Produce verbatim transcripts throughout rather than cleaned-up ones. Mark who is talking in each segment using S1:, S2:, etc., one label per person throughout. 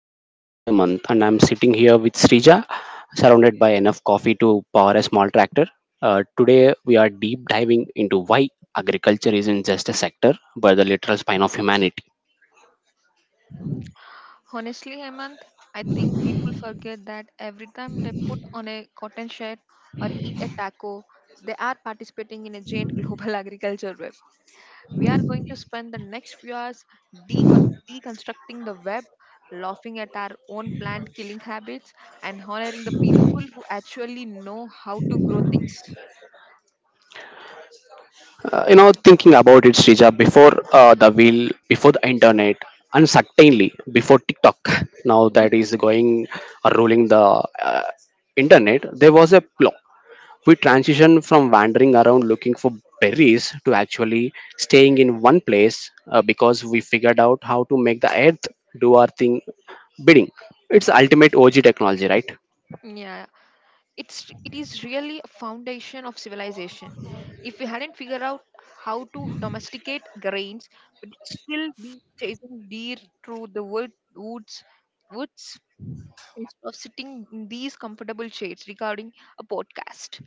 S1: evening. I'm Hemant and I'm sitting here with Srija, surrounded by enough coffee to power a small tractor. Uh, today we are deep diving into why agriculture isn't just a sector but the literal spine of humanity.
S2: Honestly, Hemant, I think people forget that every time they put on a cotton shirt or eat a taco, they are participating in a giant global agriculture web. We are going to spend the next few hours decon- deconstructing the web, laughing at our own plant killing habits, and honoring the people who actually know how to grow things.
S1: Uh, you know, thinking about it, Srija, before uh, the wheel, before the internet, and certainly before TikTok, now that is going uh, ruling the uh, internet, there was a plow. We transition from wandering around looking for berries to actually staying in one place uh, because we figured out how to make the earth do our thing bidding. It's ultimate OG technology, right?
S2: Yeah, it's it is really a foundation of civilization. If we hadn't figured out how to domesticate grains, we'd still be chasing deer through the wood, woods woods instead of sitting in these comfortable shades, regarding a podcast.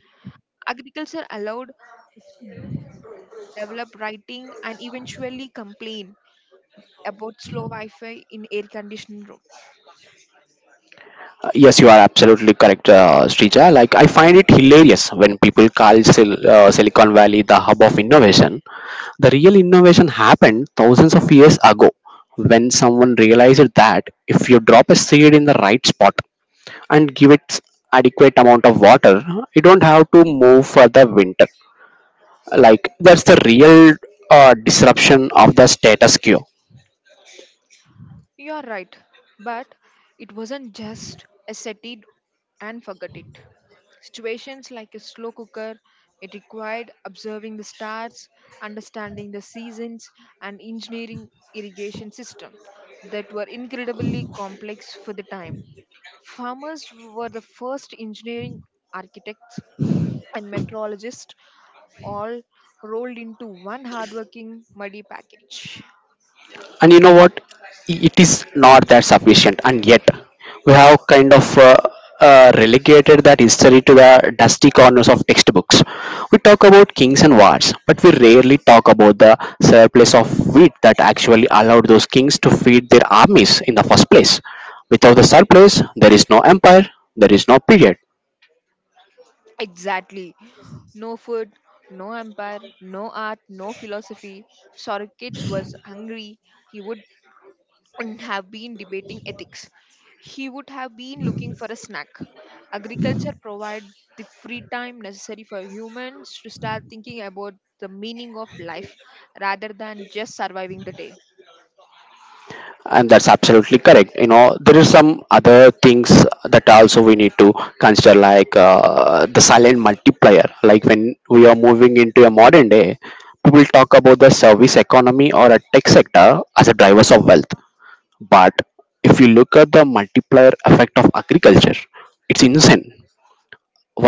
S2: Agriculture allowed us to develop writing and eventually complain about slow wi-fi in air conditioned rooms.
S1: Uh, Yes, you are absolutely correct, uh, Srija. Like, I find it hilarious when people call Sil- uh, Silicon Valley the hub of innovation. The real innovation happened thousands of years ago when someone realized that if you drop a seed in the right spot, and give it adequate amount of water, you don't have to move for the winter. Like, that's the real uh, disruption of the status quo.
S2: You are right, but it wasn't just a set it and forget it. Situations like a slow cooker, it required observing the stars, understanding the seasons, and engineering irrigation system that were incredibly complex for the time. Farmers were the first engineering, architects and meteorologists all rolled into one hardworking muddy package.
S1: And you know what, it is not that sufficient, and yet we have kind of uh, uh, relegated that history to the dusty corners of textbooks. We talk about kings and wars, but we rarely talk about the surplus of wheat that actually allowed those kings to feed their armies in the first place. Without the surplus, there is no empire, there is no period.
S2: Exactly. No food, no empire, no art, no philosophy. If Sorokits was hungry, he would not have been debating ethics. He would have been looking for a snack. Agriculture provides the free time necessary for humans to start thinking about the meaning of life rather than just surviving the day.
S1: And that's absolutely correct, you know. There are some other things that also we need to consider, like uh, the silent multiplier. Like when we are moving into a modern day, people talk about the service economy or a tech sector as a drivers of wealth. But if you look at the multiplier effect of agriculture, it's insane.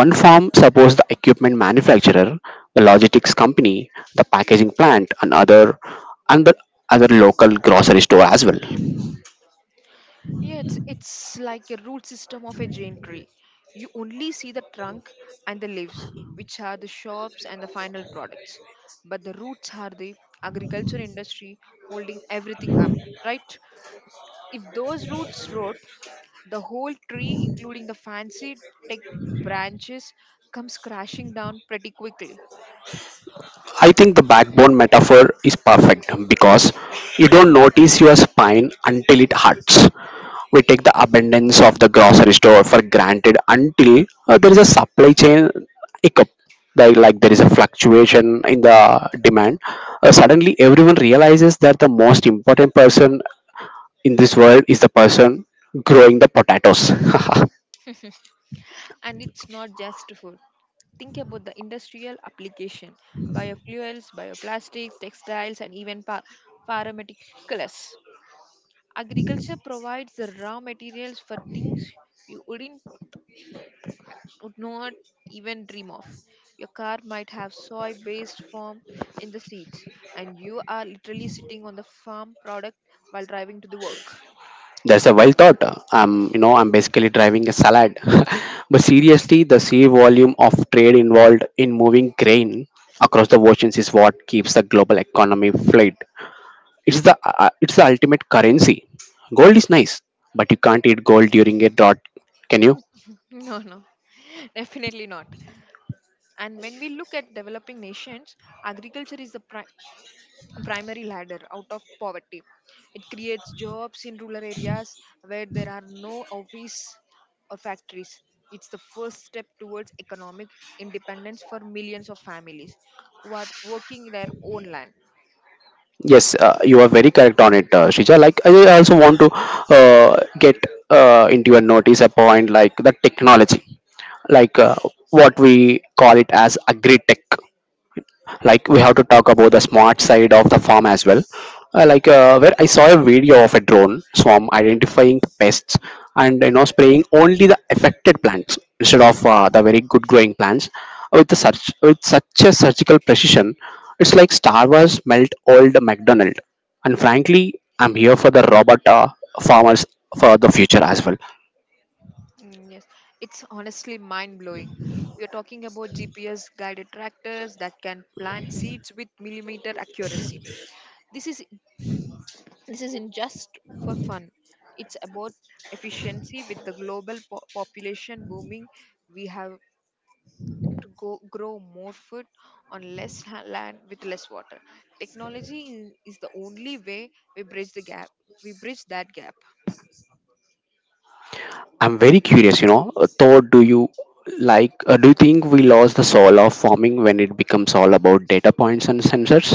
S1: One farm supports the equipment manufacturer, the logistics company, the packaging plant, and other, and the other local grocery store as well.
S2: Yeah, it's, it's like a root system of a giant tree. You only see the trunk and the leaves, which are the shops and the final products. But the roots are the agriculture industry holding everything up, right? If those roots rot, the whole tree, including the fancy tech branches, comes crashing down pretty quickly.
S1: I think the backbone metaphor is perfect because you don't notice your spine until it hurts. We take the abundance of the grocery store for granted until uh, there is a supply chain hiccup. Like, like there is a fluctuation in the demand. Uh, suddenly, everyone realizes that the most important person in this world is the person growing the potatoes.
S2: And it's not just food. Think about the industrial application: biofuels, bioplastics, textiles, and even pa- pharmaceuticals. Agriculture provides the raw materials for things you wouldn't would not even dream of. Your car might have soy based form in the seats, and you are literally sitting on the farm product while driving to the work.
S1: That's a wild thought. I'm, you know, I'm basically driving a salad. But seriously, the sheer volume of trade involved in moving grain across the oceans is what keeps the global economy afloat. It's the uh, uh, it's the ultimate currency. Gold is nice, but you can't eat gold during a drought, can you?
S2: No, no, definitely not. And when we look at developing nations, agriculture is the pri- primary ladder out of poverty. It creates jobs in rural areas where there are no office or factories. It's the first step towards economic independence for millions of families who are working their own land.
S1: Yes, uh, you are very correct on it, uh, Shrija. Like I I also want to uh, get uh, into your notice a point like the technology, like uh, what we call it as agri tech. Like we have to talk about the smart side of the farm as well, uh, like uh, where I saw a video of a drone swarm identifying pests, and you know, spraying only the affected plants instead of uh, the very good growing plants with the such with such a surgical precision. It's like Star Wars melt Old McDonald, and frankly, I'm here for the robot uh, farmers for the future as well.
S2: Mm, yes, it's honestly mind blowing. We are talking about G P S guided tractors that can plant seeds with millimeter accuracy. This is This isn't just for fun, it's about efficiency. With the global po- population booming, we have to go, grow more food on less ha- land with less water. Technology is, is the only way we bridge the gap. We bridge that gap.
S1: I'm very curious, you know. uh, Thor, do you like? Uh, do you think we lost the soul of farming when it becomes all about data points and sensors?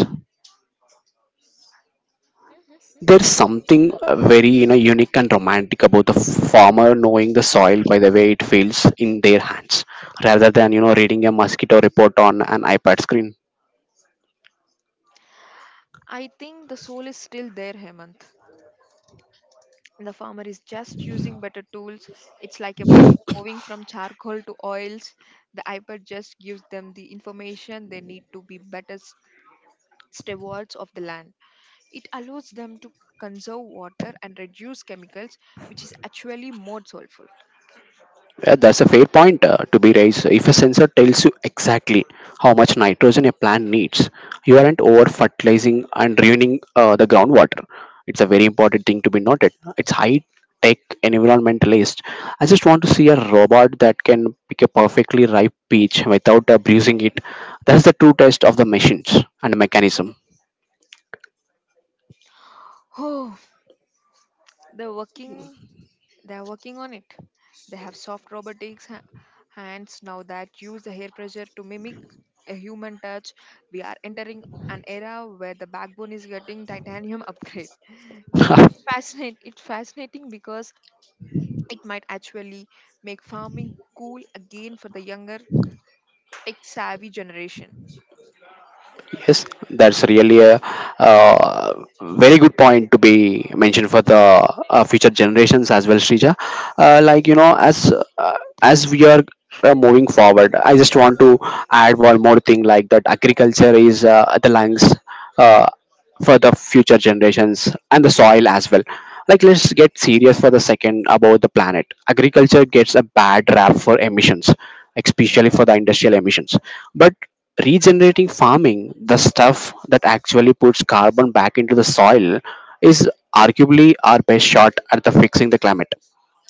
S1: There's something uh, very, you know, unique and romantic about the farmer knowing the soil by the way it feels in their hands, rather than, you know, reading a mosquito report on an iPad screen.
S2: I think the soul is still there, Hemant. The farmer is just using better tools. It's like a painter moving from charcoal to oils. The iPad just gives them the information they need to be better stewards of the land. It allows them to conserve water and reduce chemicals, which is actually more soulful.
S1: Yeah, that's a fair point uh, to be raised. If a sensor tells you exactly how much nitrogen a plant needs, you aren't over fertilizing and ruining uh, the groundwater. It's a very important thing to be noted. It's high tech environmentalist. I just want to see a robot that can pick a perfectly ripe peach without uh, bruising it. That's the true test of the machines and the mechanism.
S2: Oh, they're working. they're working on it. They have soft robotics ha- hands now that use the hair pressure to mimic a human touch. We are entering an era where the backbone is getting titanium upgrade. Fascinating. It's fascinating because it might actually make farming cool again for the younger tech savvy generation.
S1: Yes, that's really a uh, very good point to be mentioned for the uh, future generations as well, Srija. Uh, like you know, as uh, as we are uh, moving forward, I just want to add one more thing, like that agriculture is uh, the lungs. Uh, for the future generations and the soil as well, like let's get serious for the second about the planet. Agriculture gets a bad rap for emissions, like, especially for the industrial emissions. But regenerating farming, the stuff that actually puts carbon back into the soil, is arguably our best shot at the fixing the climate.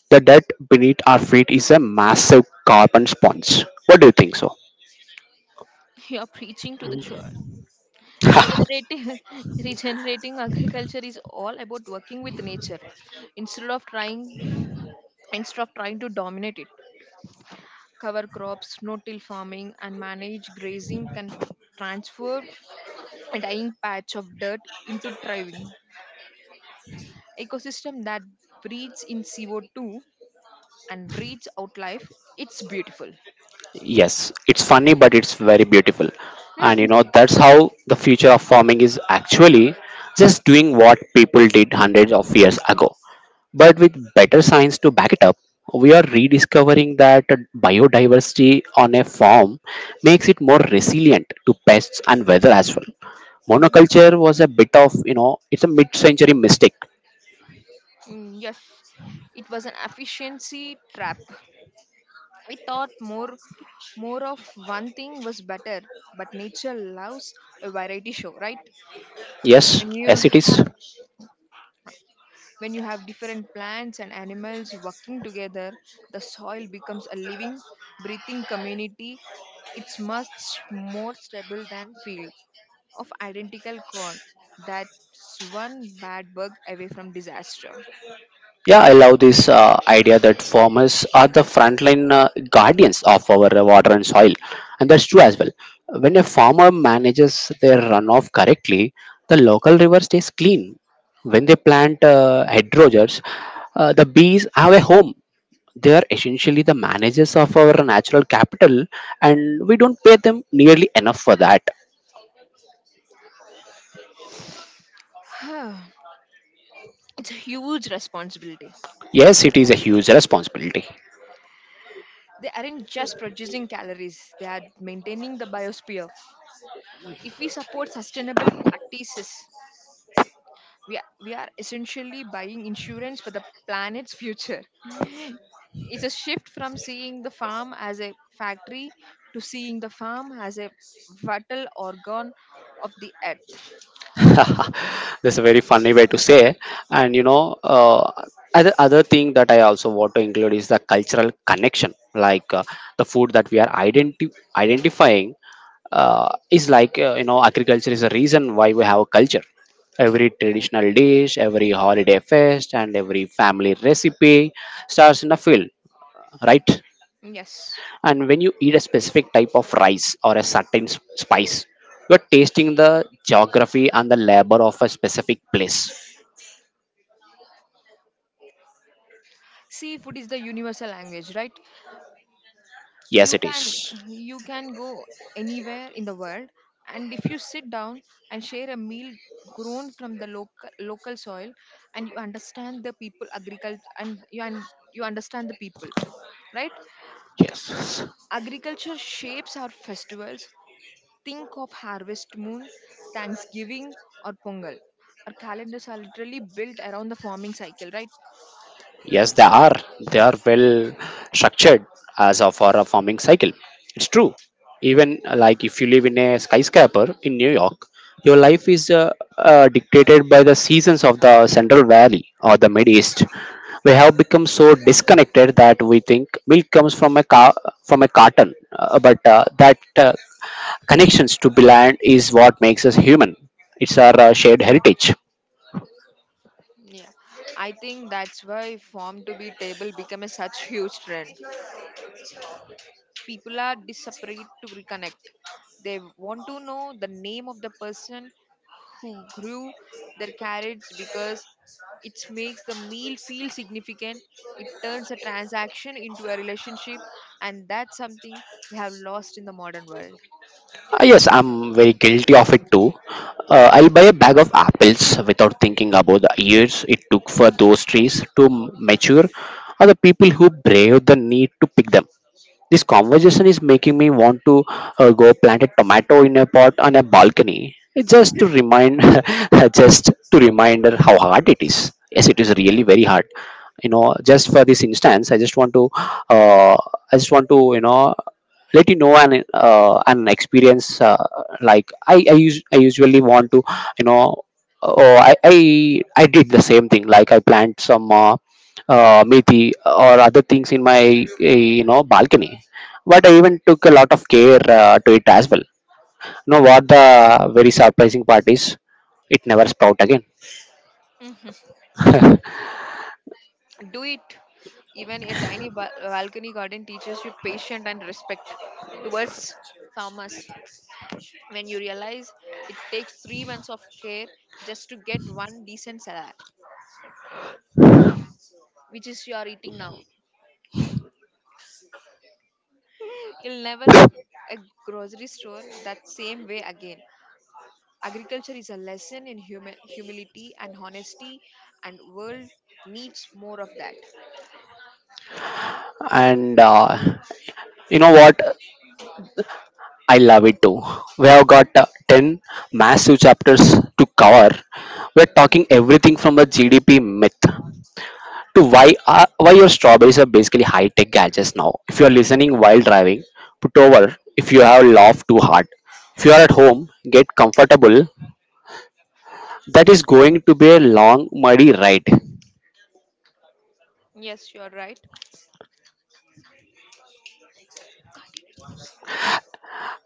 S1: The dirt beneath our feet is a massive carbon sponge. What do you think so?
S2: You're preaching to the church. Regenerating, regenerating agriculture is all about working with nature instead of trying instead of trying to dominate it. Cover crops, no-till farming, and managed grazing can transform a dying patch of dirt into thriving ecosystem that breathes in C O two and breathes out life. It's beautiful.
S1: Yes, it's funny, but it's very beautiful. And you know, that's how the future of farming is actually just doing what people did hundreds of years ago. But with better science to back it up, we are rediscovering that biodiversity on a farm makes it more resilient to pests and weather as well. Monoculture was a bit of, you know, it's a mid century mistake.
S2: Mm, yes, it was an efficiency trap. I thought more more of one thing was better, but nature loves a variety show, right?
S1: Yes,
S2: When you
S1: as it is.
S2: have when you have different plants and animals working together, the soil becomes a living, breathing community. It's much more stable than field of identical corn. That's one bad bug away from disaster.
S1: Yeah, I love this uh, idea that farmers are the frontline uh, guardians of our uh, water and soil, and that's true as well. When a farmer manages their runoff correctly, the local river stays clean. When they plant uh, hedgerows, uh, the bees have a home. They are essentially the managers of our natural capital, and we don't pay them nearly enough for that.
S2: it's a huge responsibility.
S1: Yes, it is a huge responsibility.
S2: They aren't just producing calories, they are maintaining the biosphere. If we support sustainable practices, we are, we are essentially buying insurance for the planet's future. It's a shift from seeing the farm as a factory to seeing the farm as a vital organ of the earth.
S1: That's a very funny way to say. And you know, uh, other other thing that I also want to include is the cultural connection. Like uh, the food that we are identi- identifying, uh, is like, uh, you know, agriculture is a reason why we have a culture. Every traditional dish, every holiday fest, and every family recipe starts in a field, right?
S2: Yes.
S1: And when you eat a specific type of rice or a certain s- spice, you're tasting the geography and the labor of a specific place.
S2: Seafood is the universal language, right?
S1: Yes,
S2: you
S1: it
S2: can
S1: is.
S2: you can go anywhere in the world, and if you sit down and share a meal grown from the local local soil and you understand the people agriculture and you and you understand the people, right?
S1: Yes.
S2: Agriculture shapes our festivals. Think of harvest moon, thanksgiving or pongal. Our calendars are literally built around the farming cycle, right?
S1: Yes, they are. They are well structured as a, for a farming cycle. It's true. Even uh, like if you live in a skyscraper in New York, your life is uh, uh, dictated by the seasons of the Central Valley or the Mid East. We have become so disconnected that we think milk comes from a car, from a carton, uh, but uh, that uh, connections to the land is what makes us human. It's our uh, shared heritage.
S2: Yeah, I think that's why farm to be table become a such huge trend. People are desperate to reconnect. They want to know the name of the person who grew their carrots because it makes the meal feel significant. It turns a transaction into a relationship, and that's something we have lost in the modern world.
S1: Uh, yes, I'm very guilty of it too. Uh, I'll buy a bag of apples without thinking about the years it took for those trees to m- mature, or the people who braved the need to pick them. This conversation is making me want to uh, go plant a tomato in a pot on a balcony. It's just to remind, just to remind her how hard it is. Yes, it is really very hard. You know, just for this instance, I just want to, uh, I just want to, you know, let you know an uh, an experience. Uh, like I, I, us- I usually want to, you know, oh, I, I, I did the same thing. Like I plant some. Uh, uh, methi or other things in my eh, you know, balcony, but I even took a lot of care uh, to it as well. You know what the very surprising part is? It never sprout again.
S2: Do it. Even a tiny ba- balcony garden teaches you patience and respect towards farmers. When you realize it takes three months of care just to get one decent salad, which is you are eating now. You'll never look at a grocery store that same way again. Agriculture is a lesson in humi- humility and honesty, and world needs more of that.
S1: And uh, you know what? I love it too. We have got uh, ten massive chapters to cover. We're talking everything from the G D P myth to why uh, why your strawberries are basically high tech gadgets now. If you are listening while driving, put over. If you have laughed too hard, if you are at home, get comfortable. That is going to be a long, muddy ride.
S2: Yes, you are right.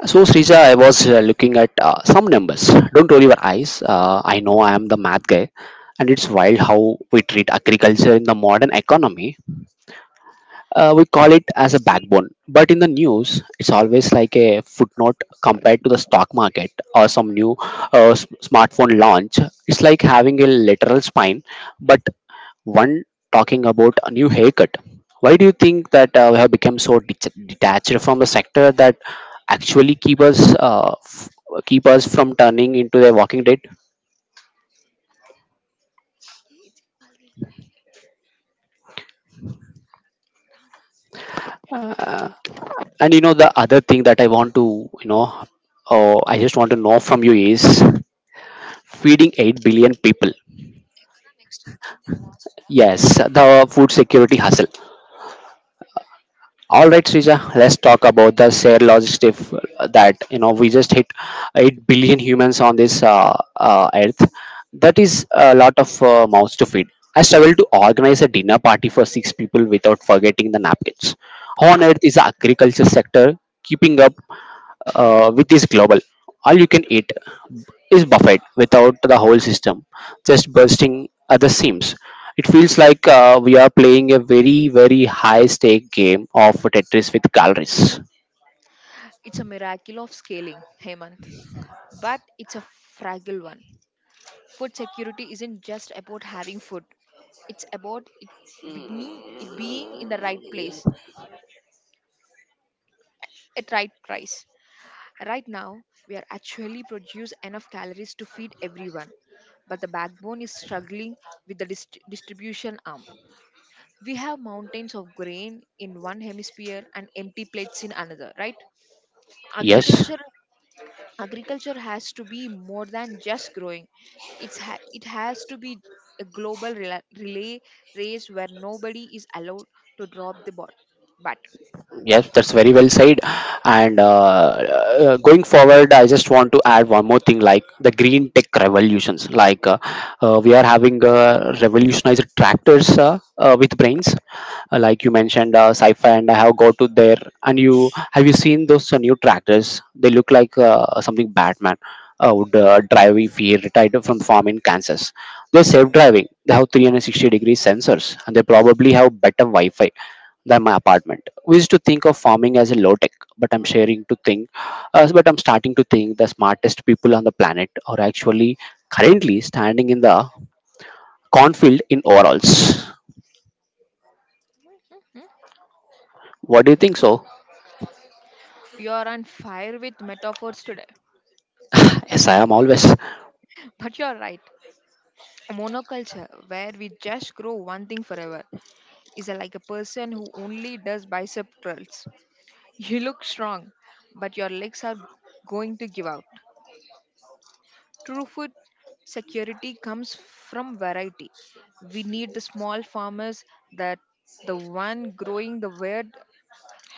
S1: So, Srija, I was uh, looking at uh, some numbers. Don't roll your eyes. Uh, I know I am the math guy, and it's wild how we treat agriculture in the modern economy. Uh, we call it as a
S2: See,
S1: backbone, but in the news, it's always like a footnote compared to the stock market or some new uh, s- smartphone launch. It's like having a lateral spine, but one talking about a new haircut. Why do you think that uh, we have become so det- detached from a sector that actually keep us uh, f- keep us from turning into a walking dead? And you know the other thing that I want to, you know, oh, I just want to know from you is feeding eight billion people. Yes, the food security hustle. All right, Srija, let's talk about the shared logistic that you know we just hit 8 billion humans on this uh, uh, earth. That is a lot of uh, mouths to feed. I struggle to organize a dinner party for six people without forgetting the napkins. How on earth is the agriculture sector keeping up uh, with this global all you can eat is Buffett without the whole system just bursting at the seams. It feels like uh, we are playing a very, very high stake game of Tetris with calories.
S2: it's a miracle of scaling, Hemant, but it's a fragile one. Food security isn't just about having food; it's about it beginning, it being in the right place at right price. Right now, we are actually produce enough calories to feed everyone, but the backbone is struggling with the dist- distribution arm. We have mountains of grain in one hemisphere and empty plates in another, right?
S1: Yes,
S2: Agriculture agriculture has to be more than just growing. It's ha- it has to be a global rela- relay race where nobody is allowed to drop the ball. But
S1: yes, that's very well said. And uh, uh, going forward, I just want to add one more thing like the green tech revolutions. Like uh, uh, we are having uh, revolutionized tractors uh, uh, with brains. Uh, like you mentioned, uh, sci-fi, and I have go to there. And you have you seen those uh, new tractors? They look like uh, something Batman uh, would uh, drive if he retired from farm in Kansas. They're safe driving. They have 360 degree sensors, and they probably have better Wi-Fi than my apartment. We used to think of farming as a low tech, but I'm sharing to think, uh, but I'm starting to think the smartest people on the planet are actually currently standing in the cornfield in overalls.
S2: hmm?
S1: What do you think so?
S2: You are on fire with metaphors today.
S1: Yes, I am always.
S2: But you're right. Monoculture where we just grow one thing forever is like a person who only does bicep curls. You look strong, but your legs are going to give out. True food security comes from variety. We need the small farmers, that the one growing the weird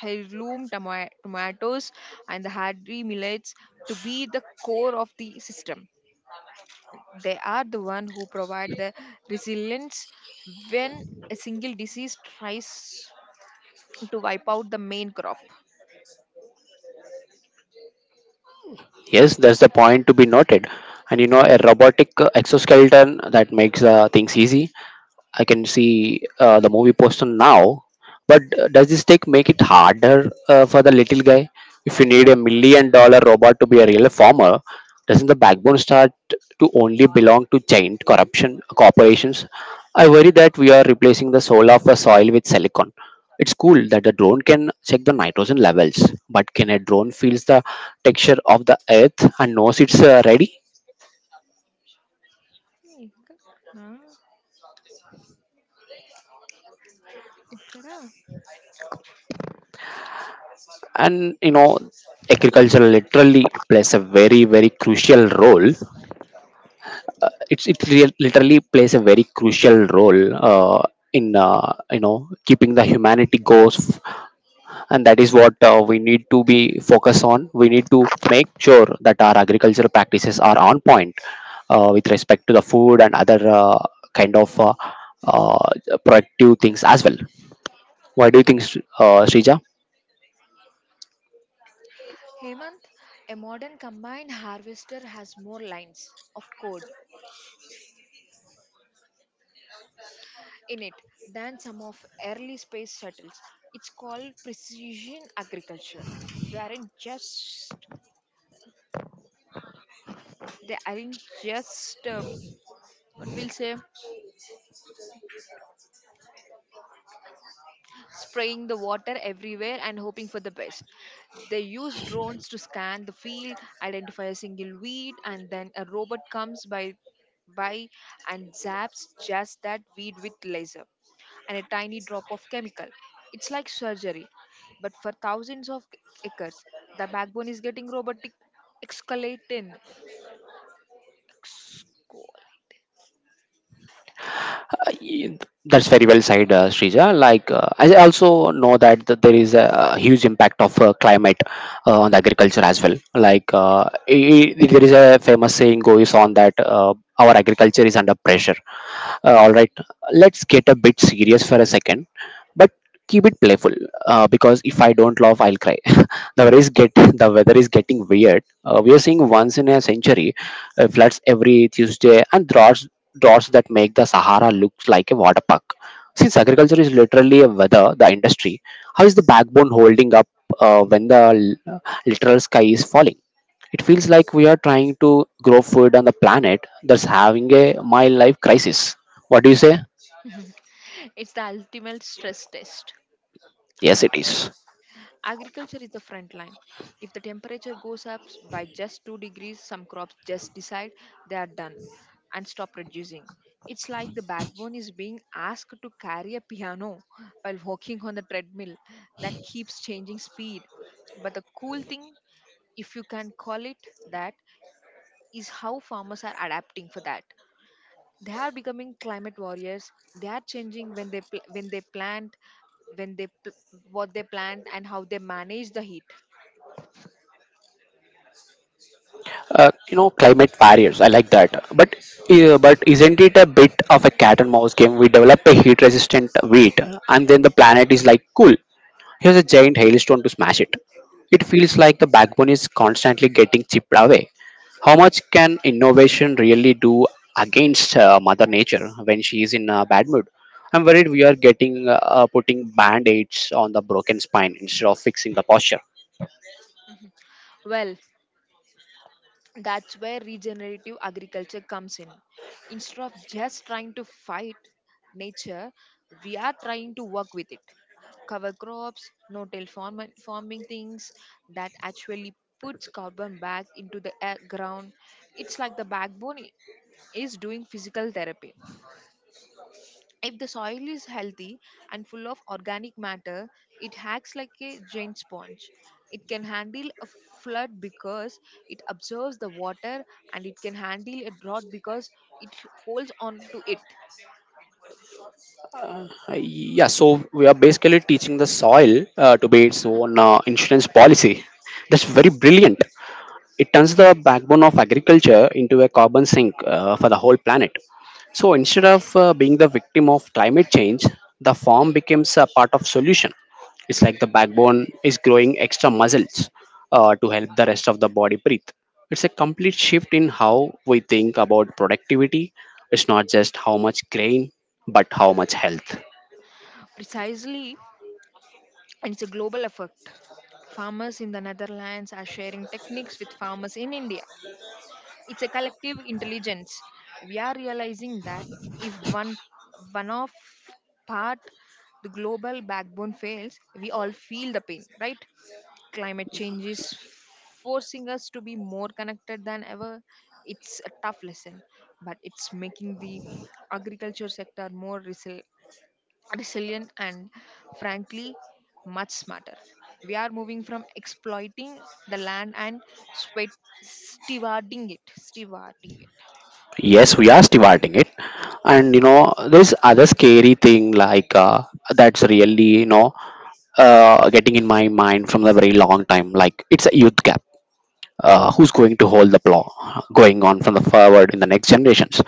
S2: heirloom toma- tomatoes and the hadri millets, to be the core of the system. They are the one who provide the resilience when a single disease tries to wipe out the main crop.
S1: Yes, that's the point to be noted. And you know, a robotic uh, exoskeleton that makes uh, things easy, I can see uh, the movie poster now. But uh, does this take make it harder uh, for the little guy? If you need a million dollar robot to be a real farmer, doesn't the backbone start to only belong to giant corruption corporations? I worry that we are replacing the soul of the soil with silicon. It's cool that the drone can check the nitrogen levels, but can a drone feels the texture of the earth and knows it's uh, ready?
S2: Hmm, ఇక్కడ నా- ఇక్కడ
S1: And you know, agriculture literally plays a very very crucial role. It's it rea- literally plays a very crucial role uh, in uh, you know keeping the humanity goes, and that is what uh, we need to be focused on. We need to make sure that our agricultural practices are on point uh, with respect to the food and other uh, kind of uh, uh, productive things as well. What do you think, Sri- uh, srija?
S2: Hemant, a modern combined harvester has more lines of code in it than some of early space shuttles. It's called precision agriculture. they aren't just they aren't just um, what we'll say, spraying the water everywhere and hoping for the best. They use drones to scan the field, identify a single weed, and then a robot comes by by and zaps just that weed with laser and a tiny drop of chemical. It's like surgery, but for thousands of acres, the backbone is getting robotic excalatin. Excol-
S1: Uh, y- That's very well said, uh, Shrija. Like, uh, I also know that th- there is a huge impact of uh, climate uh, on the agriculture as well. Like,
S2: yes.
S1: uh, i i- there is a famous saying goes on that uh, our agriculture is under pressure. Uh, all right, let's get a bit serious for a second, but keep it playful, uh, because if I don't laugh, I'll cry. the weather is get the weather is getting weird. Uh, we are seeing once in a century uh, floods every Tuesday, and droughts droughts that make the Sahara look like a water park. Since agriculture is literally a weather the industry, how is the backbone holding up uh, when the l- literal sky is falling? It feels like we are trying to grow food on the planet that's having a my life crisis. What do you say?
S2: It's the ultimate stress test.
S1: Yes, it is.
S2: Agriculture is the front line. If the temperature goes up s- by just two degrees, some crops just decide they are done and stop producing. It's like the backbone is being asked to carry a piano while walking on the treadmill that keeps changing speed. But the cool thing, if you can call it that, is how farmers are adapting for that. They are becoming climate warriors. They are changing when they pl- when they plant, when they pl- what they plant and how they manage the heat.
S1: Uh, you know, climate barriers, I like that, but uh, but isn't it a bit of a cat and mouse game? We develop a heat resistant wheat, and then the planet is like, cool, here's a giant hailstone to smash it. It feels like the backbone is constantly getting chipped away. How much can innovation really do against uh, mother nature when she is in a bad mood? I'm worried we are getting uh, uh, putting band-aids on the broken spine instead of fixing the posture.
S2: Well, that's where regenerative agriculture comes in. Instead of just trying to fight nature, we are trying to work with it. Cover crops, no till farm- farming things that actually puts carbon back into the air ground. It's like the backbone i- is doing physical therapy. If the soil is healthy and full of organic matter, it acts like a giant sponge. It can handle a flood because it absorbs the water and it can handle a drought because it holds on to it.
S1: Uh, Yeah, so we are basically teaching the soil uh, to be its own uh, insurance policy. That's very brilliant. It turns the backbone of agriculture into a carbon sink uh, for the whole planet. So instead of uh, being the victim of climate change, the farm becomes a part of solution. It's like the backbone is growing extra muscles uh, to help the rest of the body breathe. It's a complete shift in how we think about productivity. It's not just how much grain, but how much health.
S2: Precisely, and it's a global effect. Farmers in the Netherlands are sharing techniques with farmers in India. It's a collective intelligence. We are realizing that if one one of part the global backbone fails, we all feel the pain, right? Climate change is forcing us to be more connected than ever. It's a tough lesson, but it's making the agriculture sector more resil- resilient, and frankly, much smarter. We are moving from exploiting the land and sweat stewarding it. Stewarding it.
S1: Yes, we are starting it, and you know, there's other scary thing like uh, that's really you know uh, getting in my mind from the very long time. Like it's a youth gap. Uh, who's going to hold the plow going on from the forward in the next generations?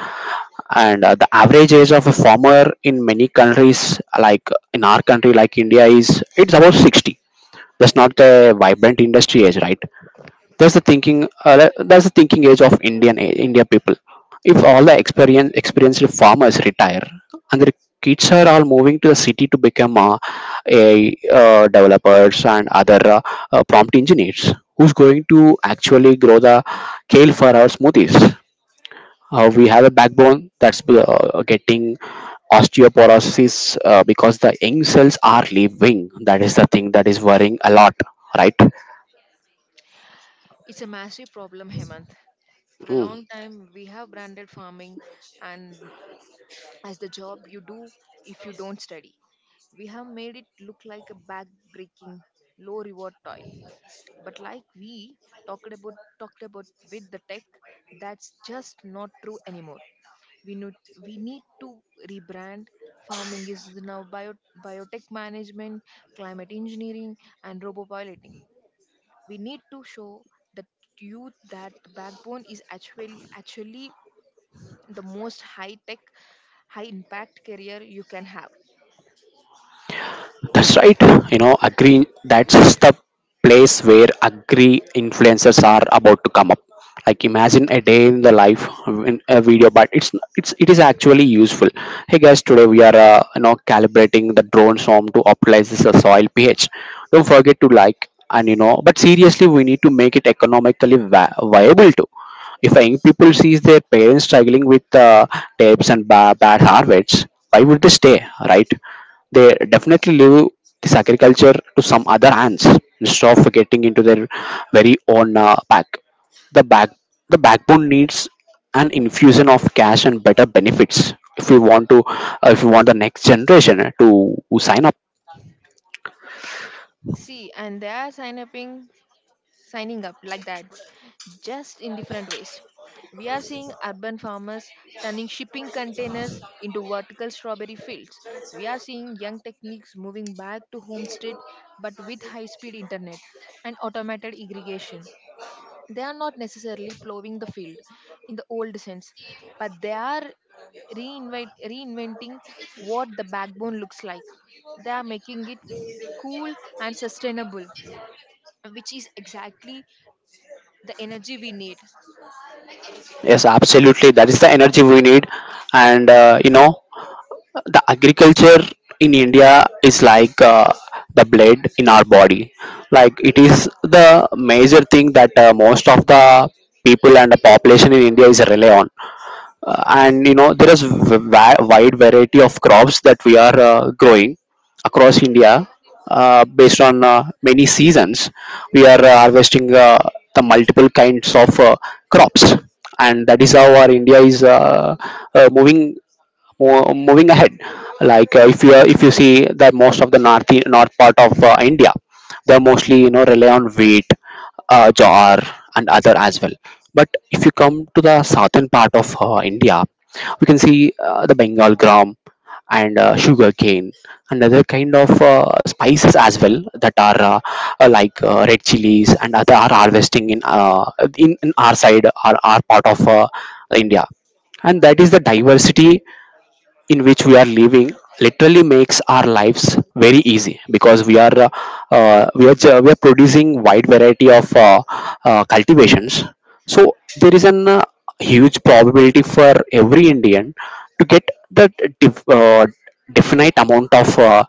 S1: And uh, the average age of a farmer in many countries, like in our country, like India, is it's about sixty. That's not the vibrant industry age, right? That's the thinking. Uh, that's the thinking age of Indian eh, India people. If all the experience experienced farmers retire and their kids are all moving to the city to become uh, a uh, developers and other uh, uh, prompt engineers, who's going to actually grow the kale for our smoothies? Uh, we have a backbone that's uh, getting osteoporosis uh, because the young cells are leaving. That is the thing that is worrying a lot, right?
S2: It's a massive problem, Hemant. For a long time, we have branded farming and as the job you do if you don't study. We have made it look like a back breaking, low reward toy. But like we talked about talked about with the tech, that's just not true anymore. We need we need to rebrand. Farming is now bio, biotech management, climate engineering, and robopiloting. We need to show the youth that the backbone is actually actually the most high tech, high impact career you can have.
S1: That's right. You know, agree. That's the place where agree influencers are about to come up. Like imagine a day in the life in a video, but it's it's it is actually useful. Hey guys, today we are uh, you know calibrating the drone swarm to optimize this uh, soil pH. Don't forget to like and you know. But seriously, we need to make it economically vi- viable too. If young people sees their parents struggling with uh, tapes and ba- bad harvests, why would they stay, right? They definitely leave this agriculture to some other hands instead of getting into their very own uh, back the back the backbone needs an infusion of cash and better benefits if we want to uh, if we want the next generation to sign up.
S2: See, and they are signing up. Signing up like that, just in different ways. We are seeing urban farmers turning shipping containers into vertical strawberry fields. We are seeing young techniques moving back to homestead but with high speed internet and automated irrigation. They are not necessarily plowing the field in the old sense, but they are reinvent, reinventing what the backbone looks like. They are making it cool and sustainable, which is exactly the energy we need.
S1: Yes, absolutely, that is the energy we need. And uh, you know, the agriculture in India is like uh, the blood in our body. Like it is the major thing that uh, most of the people and the population in India is rely on. Uh, and you know, there is v- wi- wide variety of crops that we are uh, growing across India, uh, based on uh, many seasons. We are uh, harvesting uh, the multiple kinds of uh, crops, and that is how our India is uh, uh, moving Mo- moving ahead. Like uh, if you are- if you see that most of the north north part of uh, India, they mostly you know rely on wheat, uh, jar, and other as well. But if you come to the southern part of uh, India, we can see uh, the bengal gram and uh, sugar cane and other kind of uh, spices as well, that are uh, uh, like uh, red chilies and other are harvesting in uh, in, in our side, our, our part of uh, India. And that is the diversity in which we are living literally makes our lives very easy, because we are uh, uh, we are ju- we are producing wide variety of uh, uh, cultivations. So there is an uh, huge probability for every Indian to get the def- uh, definite amount of uh,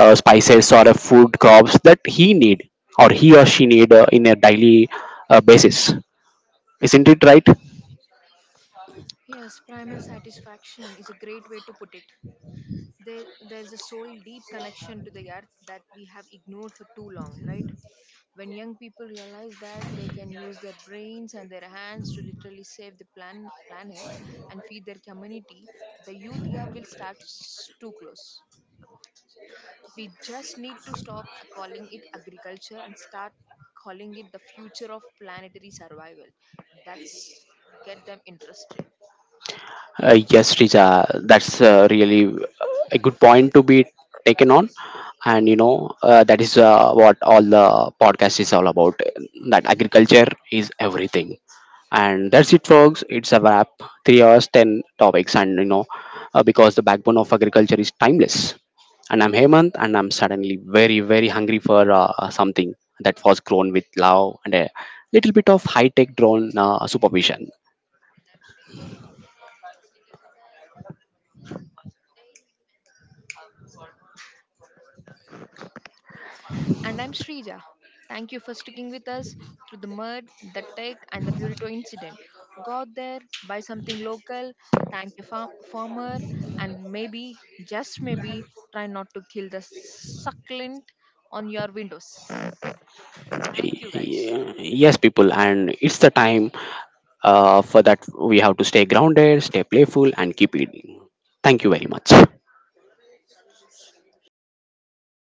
S1: uh, spices or uh, food crops that he need, or he or she need, uh, in a daily uh, basis. Isn't it right?
S2: Yes, primal satisfaction is a great way to put it. There, there's a soul deep connection to the earth that we have ignored for too long, right? When young people realize that they can use their brains and their hands to literally save the plan, planet and feed their community, the youth gap will start s- to close. We just need to stop calling it agriculture and start calling it the future of planetary survival. That's get them interested.
S1: Uh, yes, Richa, that's uh, really a good point to be taken on, and you know uh, that is uh, what all the podcast is all about. That agriculture is everything, and that's it, folks. It's a wrap. Three hours, ten topics, and you know uh, because the backbone of agriculture is timeless. And I'm Hemant, and I'm suddenly very, very hungry for uh, something that was grown with love and a little bit of high-tech drone uh, supervision.
S2: And I'm Srija. Thank you for sticking with us through the mud, the tech, and the burrito incident. Go out there, buy something local, thank your far- farmer, and maybe, just maybe, try not to kill the succulent on your windows. Thank you, guys.
S1: Yes, people, and it's the time uh, for that. We have to stay grounded, stay playful, and keep eating. Thank you very much.